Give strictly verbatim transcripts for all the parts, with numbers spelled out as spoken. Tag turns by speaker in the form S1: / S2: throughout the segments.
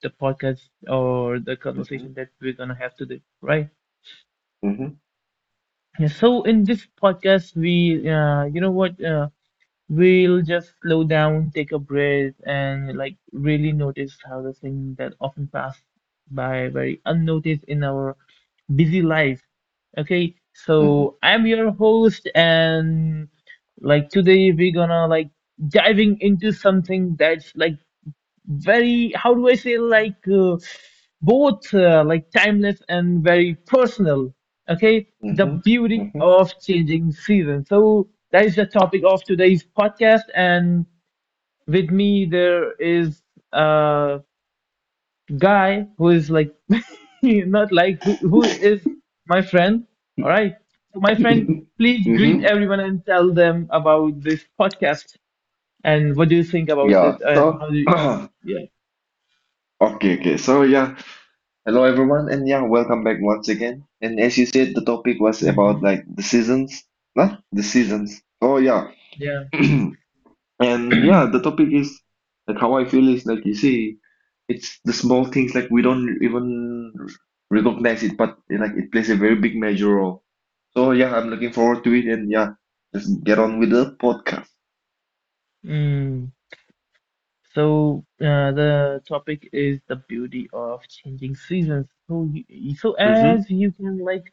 S1: the podcast or the
S2: Mhm.
S1: conversation that we're gonna have today, right?
S2: Mhm.
S1: Yeah. So in this podcast, we uh, you know what? Uh, We'll just slow down, take a breath, and like really notice how the things that often pass by very unnoticed in our busy life. Okay,
S2: Mhm.
S1: so I'm your host, and like today we're gonna like diving into something that's like very how do I say like uh, both uh, like timeless and very personal. Okay, the
S2: Mhm.
S1: beauty
S2: Mhm.
S1: of changing seasons. So that is the topic of today's podcast, and with me there is a guy who is like not like who, who is my friend. All right, so my friend, please greet
S2: Mhm.
S1: everyone and tell them about this podcast and what do you think about
S2: Yeah.
S1: it and how
S2: So,
S1: do you,
S2: okay,
S1: yeah.
S2: okay. So, yeah. Hello, everyone, and yeah, welcome back once again. And as you said, the topic was about
S1: hmm
S2: like the seasons, huh? The seasons. Oh, yeah.
S1: Yeah.
S2: And yeah, the topic is like how I feel is like you see, it's the small things like we don't even recognize it, but like it plays a very big major role. So yeah, I'm looking forward to it, and yeah, let's get on with the podcast.
S1: Mm. So uh, the topic is the beauty of changing seasons. So, you, so
S2: Mhm.
S1: as you can like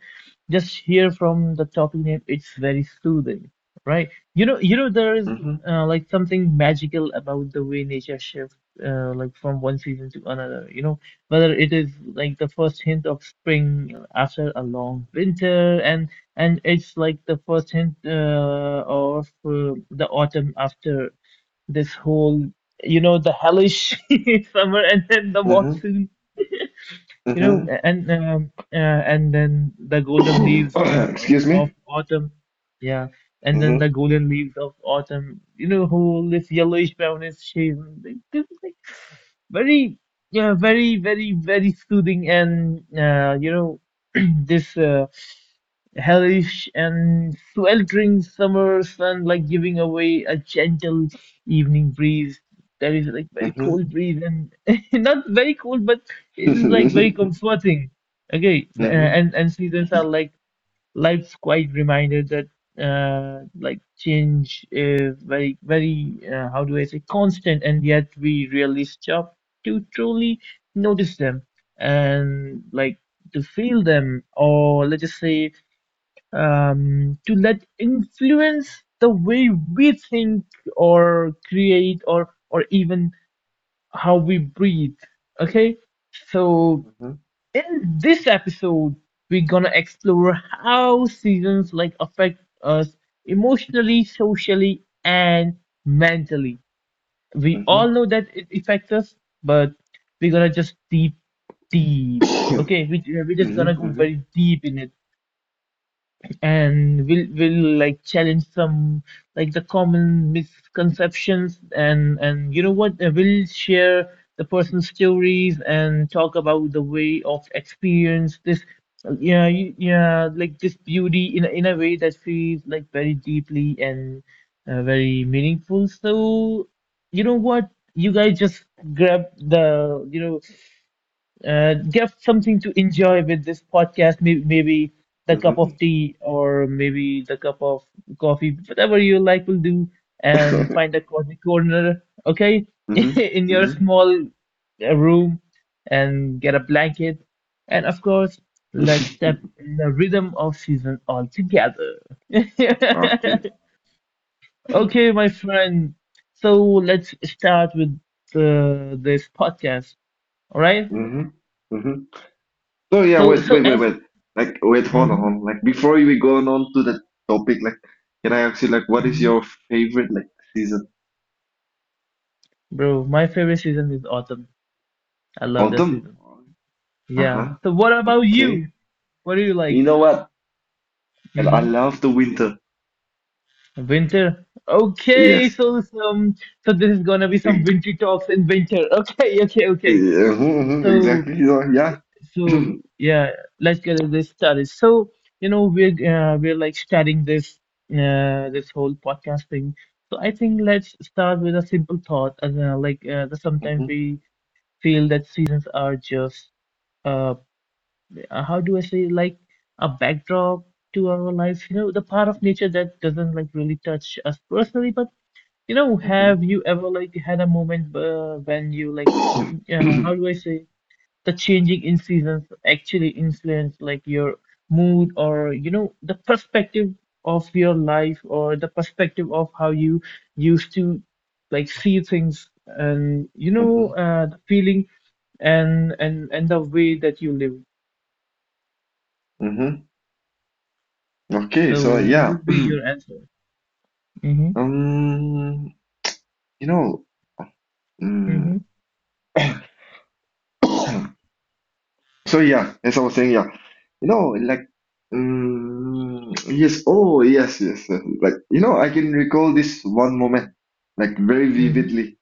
S1: just hear from the topic name, it's very soothing, right? You know, you know, there is
S2: Mhm.
S1: uh, like something magical about the way nature shifts, uh, like from one season to another. You know, whether it is like the first hint of spring after a long winter, and and it's like the first hint uh, of uh, the autumn after this whole you know the hellish summer and then the
S2: Mhm.
S1: monsoon you know
S2: Mhm.
S1: and um, uh, and then the golden leaves uh, uh,
S2: Excuse me.
S1: of autumn, yeah, and then the
S2: Mhm.
S1: golden leaves of autumn, you know, whole this yellowish brownish shade like, this is like very yeah very very very soothing and uh, you know this uh, hellish and sweltering summer sun like giving away a gentle evening breeze that is like very
S2: Mhm.
S1: cold breeze and not very cold but it is like very comforting, okay. uh,
S2: Mhm.
S1: and and seasons are like life's quite reminder that uh like change is very very uh, how do I say constant, and yet we really stop to truly notice them and like to feel them, or let's just say um, to let influence the way we think or create or or even how we breathe. Okay, so
S2: Mhm.
S1: in this episode we're gonna explore how seasons like affect us emotionally, socially, and mentally.
S2: Mhm.
S1: We all
S2: Mhm.
S1: know that it affects us, but we're gonna just deep deep okay, we, we're just gonna go
S2: Mhm.
S1: very deep in it, and we'll we'll like challenge some like the common misconceptions, and and you know what, uh, we'll share the person's stories and talk about the way of experience this uh, yeah you- yeah like this beauty in a- in a way that feels like very deeply and uh, very meaningful. So you know what, you guys just grab the you know uh, get something to enjoy with this podcast. Maybe, maybe the
S2: Mhm.
S1: cup of
S2: Mhm.
S1: tea or maybe the cup of coffee, whatever you like will do, and find a cozy corner, okay,
S2: Mhm.
S1: in your
S2: Mhm.
S1: small uh, room and get a blanket. And of course, let's step in the rhythm of season all together.
S2: Okay.
S1: Okay, my friend. So let's start with uh, this podcast. All right.
S2: Mhm. Mhm. So yeah,
S1: So,
S2: wait,
S1: so
S2: wait, wait,
S1: as
S2: wait. Like, wait, hold on, hold
S1: Mhm.
S2: on. Like, before we go on to the topic, like, can I ask you, like, what is
S1: Mhm.
S2: your favorite, like, season?
S1: Bro, my favorite season is autumn. I love that
S2: Autumn?
S1: season. Yeah.
S2: Uh-huh.
S1: So what about
S2: Okay.
S1: you? What do you
S2: You
S1: like?
S2: know what? I I
S1: hmm
S2: love the winter.
S1: Winter. Okay,
S2: Yes.
S1: so some so this is gonna be some winter talks in winter. Okay, okay, okay.
S2: Yeah, mhm, mhm,
S1: So
S2: exactly. Ja. Ja.
S1: so yeah, let's get this started. So you know we're uh, we're like starting this uh, this whole podcast thing. So I think let's start with a simple thought. As uh, like uh, that sometimes
S2: Mhm,
S1: we feel that seasons are just uh, uh, how do I say, like a backdrop to our lives, you know, the part of nature that doesn't like really touch us personally, but you know,
S2: mhm.
S1: have you ever like had a moment uh, when you like, uh, how do I say, the changing in seasons actually influence like your mood or you know the perspective of your life or the perspective of how you used to like see things, and you
S2: Mhm,
S1: know uh, the feeling and and and the way that you live.
S2: mhm. Okay,
S1: So
S2: so
S1: what
S2: yeah.
S1: would be your answer? Mm-hmm.
S2: Um, you know, mm,
S1: Mm-hmm.
S2: so yeah, as I was saying, yeah, you know, like, um, yes, oh, yes, yes, yes, like, you know, I can recall this one moment, like, very
S1: Mm-hmm.
S2: vividly.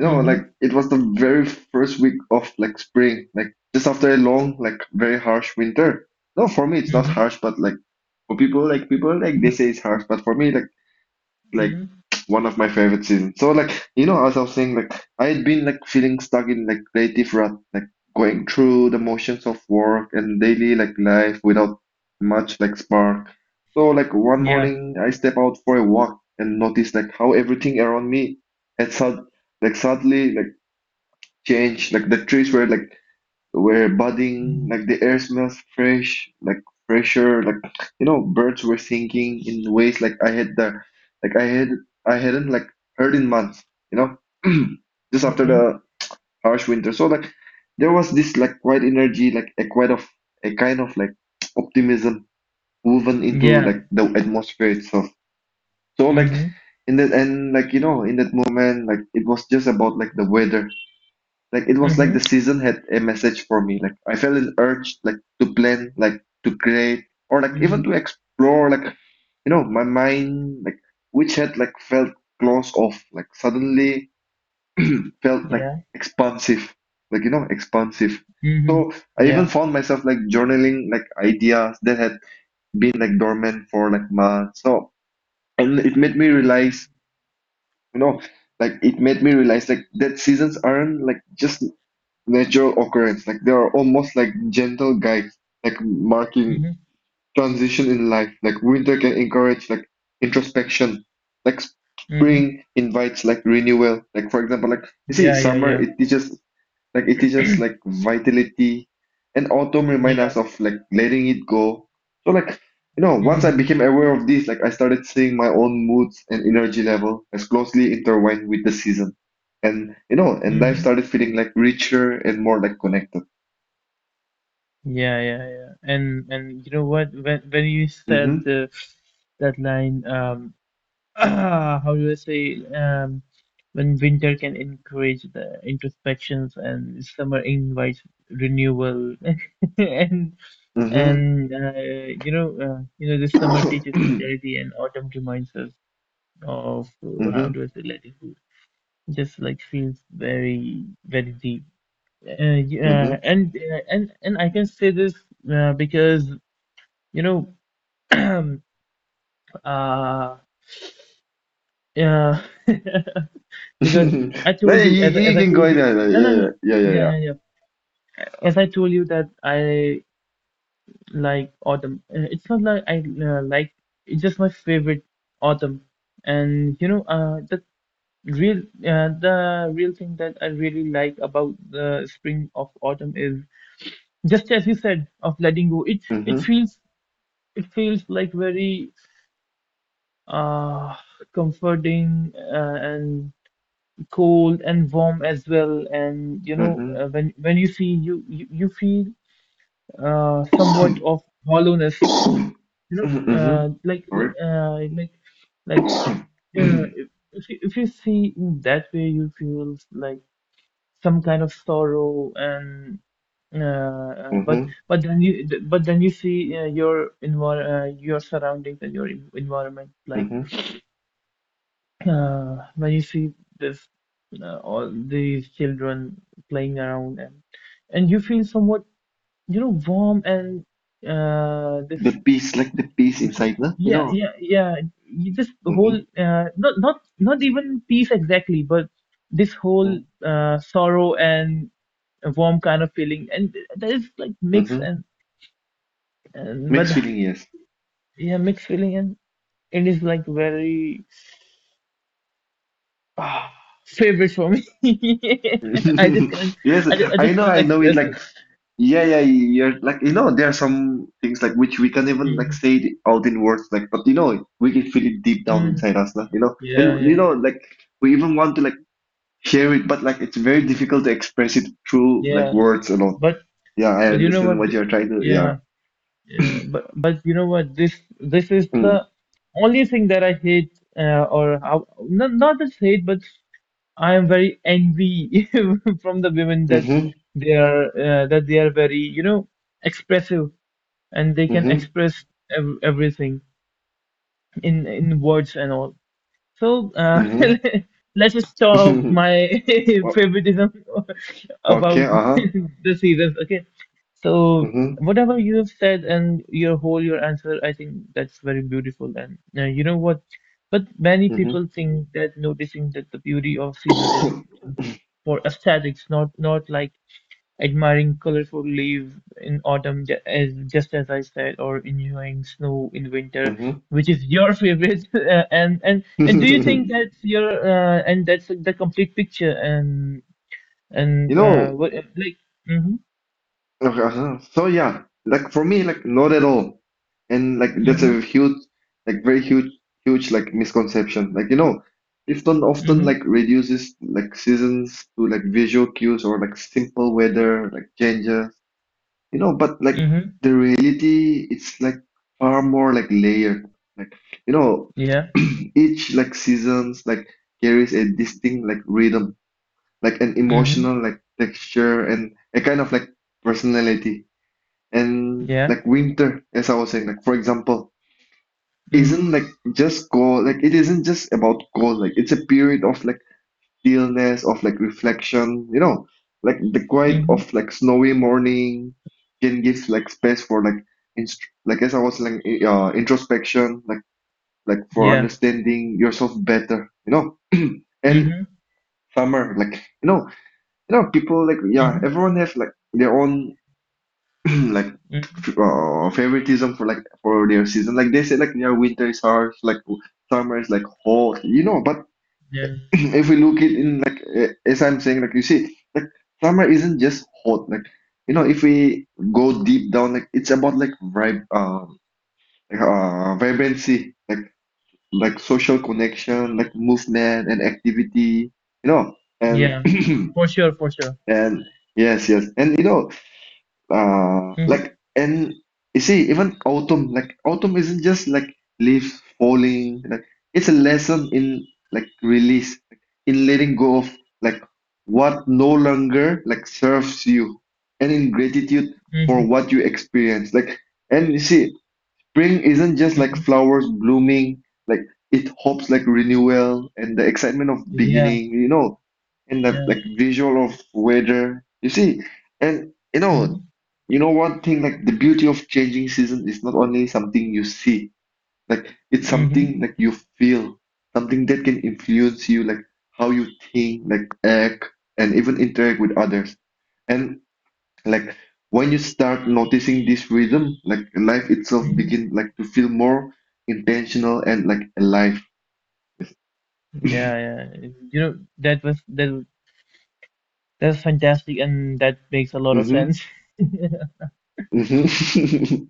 S2: You know, like,
S1: Mm-hmm.
S2: it was the very first week of like spring, like, just after a long, like, very harsh winter. No, for me, it's not
S1: Mm-hmm.
S2: harsh, but like. For people like people like they say it's harsh, but for me like like
S1: Mm-hmm.
S2: one of my favorite seasons. So like you know as I was saying, like I had been like feeling stuck in like creative rut, like going through the motions of work and daily like life without much like spark. So like one
S1: Yeah.
S2: morning I step out for a walk and notice like how everything around me had sud like suddenly like changed. Like the trees were like were budding,
S1: Mm-hmm.
S2: like the air smells fresh, like fresher, like you know, birds were singing in ways like I had the like I had I hadn't like heard in months, you know, just after
S1: Mm-hmm.
S2: the harsh winter. So like there was this like quiet energy, like a quite of a kind of like optimism woven into
S1: Yeah.
S2: like the atmosphere itself. So like
S1: Mm-hmm.
S2: in that and like you know in that moment, like it was just about like the weather, like it was like
S1: Mm-hmm.
S2: the season had a message for me. Like I felt an urge like to plan, like to create, or like even to
S1: Mm-hmm.
S2: explore, like you know, my mind, like which had like felt closed off, like suddenly felt like
S1: Yeah.
S2: expansive. Like you know, expansive.
S1: Mm-hmm.
S2: So I even
S1: Yeah.
S2: found myself like journaling like ideas that had been like dormant for like months. So and it made me realize, you know, like it made me realize like that seasons aren't like just natural occurrence. Like they are almost like gentle guides, like marking
S1: Mm-hmm.
S2: transition in life. Like winter can encourage like introspection. Like
S1: Mm-hmm.
S2: spring invites like renewal. Like for example, like you see,
S1: Yeah, yeah,
S2: summer
S1: yeah.
S2: it teaches like it teaches like vitality, and autumn remind us
S1: Yeah.
S2: of like letting it go. So like you know, once I
S1: Mm-hmm.
S2: became aware of this, like I started seeing my own moods and energy level as closely intertwined with the season, and you know, and life
S1: Mm-hmm.
S2: started feeling like richer and more like connected.
S1: Yeah, yeah, yeah. And and you know what? When when you
S2: Mm-hmm.
S1: said the, that line, um. uh, how do I say, um, when winter can encourage the introspections and summer invites renewal and
S2: Mm-hmm.
S1: and uh, you know uh, you know this summer teaches fertility and autumn reminds us of uh, how
S2: Mm-hmm.
S1: do I say latitude, just like feels very very deep uh, yeah,
S2: Mm-hmm.
S1: and uh, and and I can say this uh, because you know uh, yeah because I
S2: No,
S1: told
S2: you,
S1: you as
S2: you you
S1: as I
S2: can go
S1: told
S2: in
S1: you
S2: there.
S1: no no no
S2: Like, yeah, yeah, yeah,
S1: yeah
S2: yeah.
S1: yeah yeah as I told you that I like autumn. Uh, It's not like I uh, like it's just my favorite autumn, and you know uh the real uh, the real thing that I really like about the spring of autumn is just as you said of letting go. It it
S2: Mm-hmm.
S1: feels it feels like very uh comforting uh, and cold and warm as well. And you know,
S2: Mm-hmm.
S1: uh, when when you see you you, you feel uh, somewhat of hollowness. You know,
S2: Mm-hmm.
S1: uh, like
S2: Sorry.
S1: li- uh, like like uh, if if you, if you see in that way, you feel like some kind of sorrow and. Uh, uh, but
S2: Mm-hmm.
S1: but then you but then you see uh, your envir uh, your surroundings and your en- environment like.
S2: Mm-hmm.
S1: Uh, when you see this, uh, all these children playing around, and and you feel somewhat, you know, warm and uh, this,
S2: The peace, like the peace inside the, you
S1: yeah,
S2: know.
S1: yeah, yeah. You this
S2: Mm-hmm.
S1: whole, uh, not not not even peace exactly, but this whole uh, sorrow and a warm kind of feeling, and that is like mixed
S2: Mm-hmm.
S1: and and but
S2: Mixed feeling, yes.
S1: yeah, mixed feeling, and it is like very. Ah, favorite for me. I just can't.
S2: Yes,
S1: I just, I
S2: I
S1: just
S2: know,
S1: can't
S2: I know it.
S1: express
S2: Like,
S1: it.
S2: yeah, yeah, you're like, you know, there are some things like which we can't even like
S1: hmm
S2: say it out in words, like, but you know, we can feel it deep down
S1: Mm.
S2: inside us, lah, you know,
S1: Yeah,
S2: and you
S1: yeah,
S2: know,
S1: yeah,
S2: like, we even want to like share it, but like, it's very difficult to express it through like
S1: yeah.
S2: words alone.
S1: But
S2: Yeah, I
S1: but you know
S2: understand
S1: what?
S2: what
S1: th-
S2: you're trying to, yeah.
S1: Yeah, yeah. But but you know what? This this is the
S2: Mm.
S1: only thing that I hate, uh, or how, not not just hate, but I am very envy from the women that
S2: Mm-hmm.
S1: they are uh, that they are very you know expressive and they can express ev everything in in words and all. So uh,
S2: Mm-hmm.
S1: let us stop
S2: Mm-hmm.
S1: my
S2: O-
S1: favoritism
S2: Okay,
S1: about
S2: uh-huh.
S1: the seasons. Okay. So
S2: Mm-hmm.
S1: whatever you have said and your whole your answer, I think that's very beautiful. And uh, you know what? But many people think that noticing that the beauty of season is for aesthetics, not not like admiring colorful leaves in autumn, ju- as just as I said, or enjoying snow in winter,
S2: Mhm.
S1: which is your favorite. Uh, and and and do you think that's your uh, and that's the complete picture? And
S2: You
S1: and uh,
S2: know,
S1: what like? Mm-hmm,
S2: okay, uh-huh. So yeah, like for me, like not at all, and like that's
S1: mm-hmm,
S2: a huge, like very huge, huge like misconception. Like you know, Clifton often
S1: mm-hmm,
S2: like reduces like seasons to like visual cues or like simple weather like changes. You know, but like
S1: mm-hmm.
S2: the reality, it's like far more like layered. Like you know,
S1: Yeah.
S2: each like seasons like carries a distinct like rhythm, like an
S1: Mm-hmm.
S2: emotional like texture and a kind of like personality. And
S1: Yeah.
S2: like winter, as I was saying, like for example,
S1: Mm-hmm.
S2: isn't like just cold, like it isn't just about cold, like it's a period of like stillness, of like reflection. You know like the quiet
S1: Mm-hmm.
S2: of like snowy morning can give like space for like inst- like as I was like I- uh, introspection, like like for
S1: Yeah.
S2: understanding yourself better. You know and
S1: Mm-hmm.
S2: summer, like you know you know people, like yeah,
S1: Mm-hmm.
S2: everyone has like their own like f-
S1: Mm-hmm.
S2: uh, favoritism for like for their season. Like they say like yeah, winter is harsh, like w- summer is like hot, you know but
S1: Yeah.
S2: if we look it in, like eh, as I'm saying, like you see, like summer isn't just hot. Like you know if we go deep down, like it's about like vib um like, uh vibrancy, like like social connection, like movement and activity, you know and
S1: Yeah. For sure. For sure.
S2: and yes, yes. And you know, uh
S1: Mm-hmm.
S2: like and you see, even autumn like autumn isn't just like leaves falling, like it's a lesson in like release, like in letting go of like what no longer like serves you, and in gratitude for
S1: Mm-hmm.
S2: what you experience, like and you see, spring isn't just like
S1: Mm-hmm.
S2: flowers blooming, like it hopes like renewal and the excitement of
S1: Yeah.
S2: beginning, you know, and the
S1: Yeah.
S2: like visual of weather. You see, and you know,
S1: Mm-hmm.
S2: you know one thing, like the beauty of changing season is not only something you see, like it's
S1: Mm-hmm.
S2: something like you feel, something that can influence you, like how you think, like act, and even interact with others. And. Like when you start noticing this rhythm, like life itself
S1: Mm-hmm.
S2: begin like to feel more intentional and like alive.
S1: Yeah, yeah. It- You know, that was that that's fantastic and that makes a lot of
S2: Mm-hmm.
S1: sense.
S2: Mm-hmm.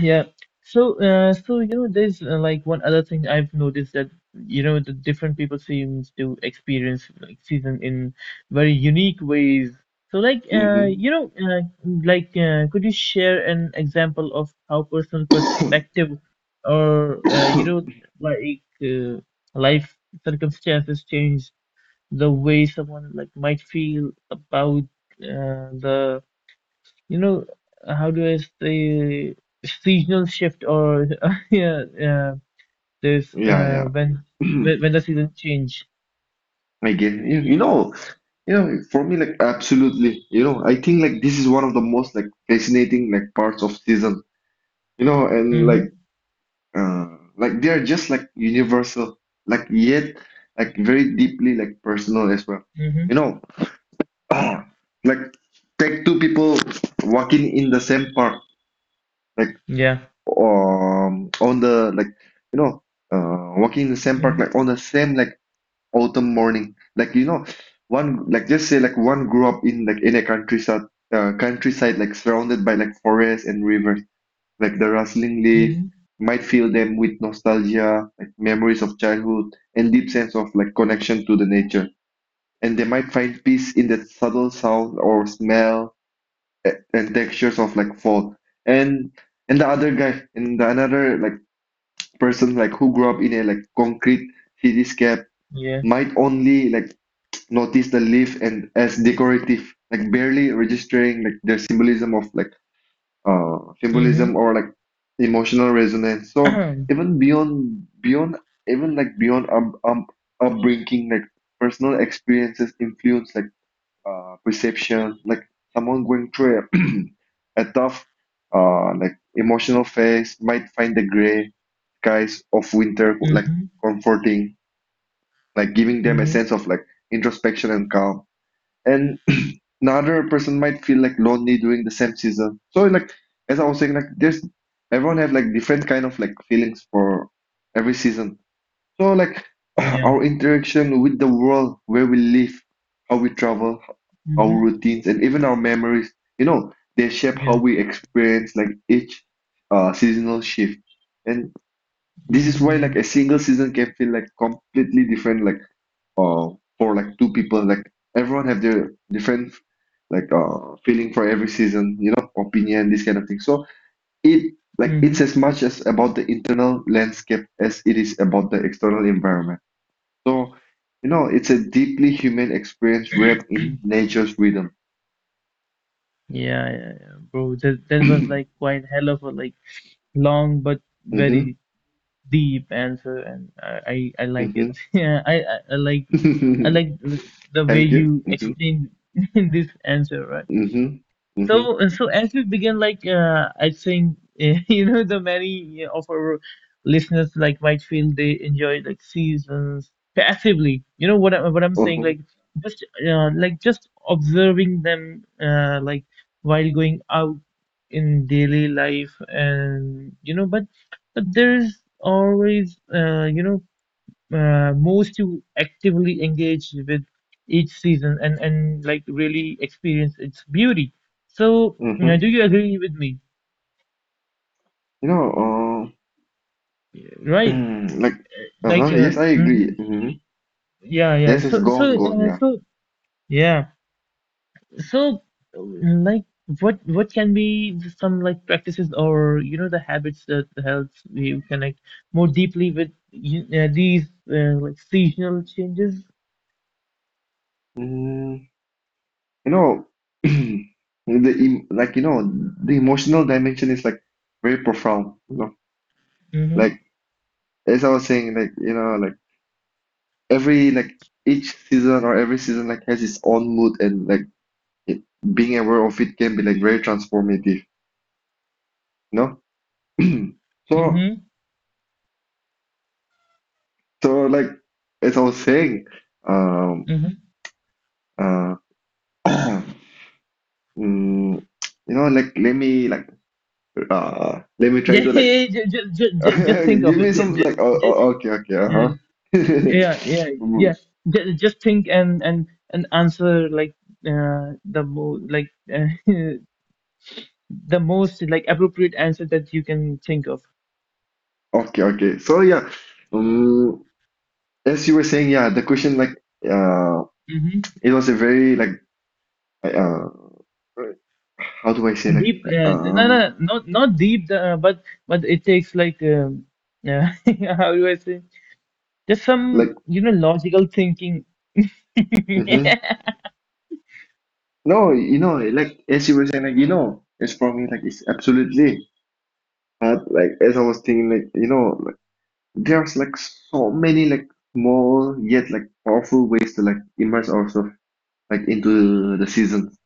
S1: Yeah. So, uh, so you know, there's uh, like one other thing I've noticed that you know the different people seems to experience like season in very unique ways. So, like, uh, you know, uh, like, uh, could you share an example of how personal perspective or uh, you
S2: Mm-hmm.
S1: know, like uh, life circumstances change the way someone like might feel about uh, the you know how do I say seasonal shift or yeah yeah there's uh,
S2: Yeah,
S1: when
S2: yeah.
S1: when when the seasons change.
S2: Again, you, you know, you know, for me, like absolutely, you know, I think like this is one of the most like fascinating like parts of season, you know, and like
S1: Mhm.
S2: uh like they are just like universal, like yet like very deeply like personal as well.
S1: Mhm.
S2: You know, ah, like take two people walking in the same park, like
S1: Yeah.
S2: um on the like you know uh walking in the same park
S1: Mhm.
S2: like on the same like autumn morning, like you know one, like just say like one grew up in like in a countryside, uh, countryside like surrounded by like forests and rivers, like the rustling leaf
S1: Mhm.
S2: might fill them with nostalgia, like memories of childhood and deep sense of like connection to the nature. And they might find peace in that subtle sound or smell, a- and textures of like fall, and and the other guy and the another like person, like who grew up in a like concrete cityscape,
S1: Yeah.
S2: might only like notice the leaf and as decorative, like barely registering like their symbolism of like uh symbolism
S1: Mhm.
S2: or like emotional resonance. So even beyond beyond even like beyond um, um upbringing, like personal experiences influence like uh perception. Like someone going through it a tough, uh, like emotional face might find the gray skies of winter like
S1: Mhm.
S2: comforting, like giving them a
S1: Mhm.
S2: sense of like introspection and calm. And another person might feel like lonely during the same season. So like as I was saying, like there's everyone have like different kind of like feelings for every season. So, like
S1: Yeah.
S2: our interaction with the world, where we live, how we travel, our
S1: Mhm.
S2: routines, and even our memories, you know, they shape how
S1: Yeah.
S2: we experience like each uh, seasonal shift. And this is why like
S1: Mhm.
S2: a single season can feel like completely different, like uh, for like two people. Like everyone have their different like uh feeling for every season, you know, opinion, this kind of thing. So it like it's
S1: Mhm.
S2: as much as about the internal landscape as it is about the external environment. So, you know, it's a deeply human experience wrapped in nature's rhythm.
S1: Yeah. Yeah. Yeah. Bro, that that was like quite hell of a like long but very deep answer, and I, I, I like
S2: Mm-hmm,
S1: it.
S2: mm-hmm.
S1: Yeah, I, I, I like I like the way
S2: Thank you.
S1: you
S2: Mm-hmm,
S1: explain this answer, right?
S2: mm-hmm, mm-hmm,
S1: So, so as we begin, like uh, I think eh, you know, the many of our listeners like might feel they enjoy like seasons passively. You know what I, what I'm saying?
S2: uh-huh,
S1: Like just uh, like just observing them, uh, like while going out in daily life, and you know, but but there's always uh, you know uh, most you actively engage with each season and and like really experience its beauty. So uh,
S2: mm-hmm.
S1: do you agree with me?
S2: You know,
S1: Yeah. Right?
S2: uh, like,
S1: Like
S2: uh-huh,
S1: uh,
S2: yes, I agree.
S1: mhm.
S2: Mm-hmm.
S1: Yeah, yeah.
S2: Yes, it's
S1: So
S2: gone,
S1: so
S2: gone,
S1: uh,
S2: yeah.
S1: so yeah. So um, like what what can be some like practices or you know the habits that helps you connect more deeply with you- uh, these uh, like seasonal changes?
S2: Mm, you know, the em- like, you know, the emotional dimension is like very profound, you know,
S1: Mm-hmm.
S2: like, as I was saying, like, you know, like, every like each season or every season like has its own mood, and like it, being aware of it can be like very transformative, no? so
S1: Mm-hmm.
S2: so like as I was saying, um uh mm, you know like let me like uh let me try
S1: Yeah,
S2: to like
S1: just, just, just, just think
S2: give
S1: of
S2: me
S1: it.
S2: some,
S1: Just,
S2: like oh,
S1: just,
S2: oh, okay, okay,
S1: yeah,
S2: uh-huh.
S1: yeah, yeah, yeah.
S2: Mm,
S1: Just, just think and and and answer like uh, the mo like uh, the most like appropriate answer that you can think of.
S2: okay, okay, so yeah, um as you were saying, yeah, the question, like uh
S1: Mm-hmm.
S2: it was a very, like uh how do I say,
S1: And
S2: like
S1: deep, uh, no,
S2: um
S1: no, not not deep, uh, but but it takes like um, uh, how do I say? Just some
S2: like
S1: you know logical thinking.
S2: hmm no, you know like as you were saying, like you know it's for me, like it's absolutely hard. Like as I was thinking, like you know like, there's like so many like small yet like powerful ways to like immerse ourselves like into the seasons.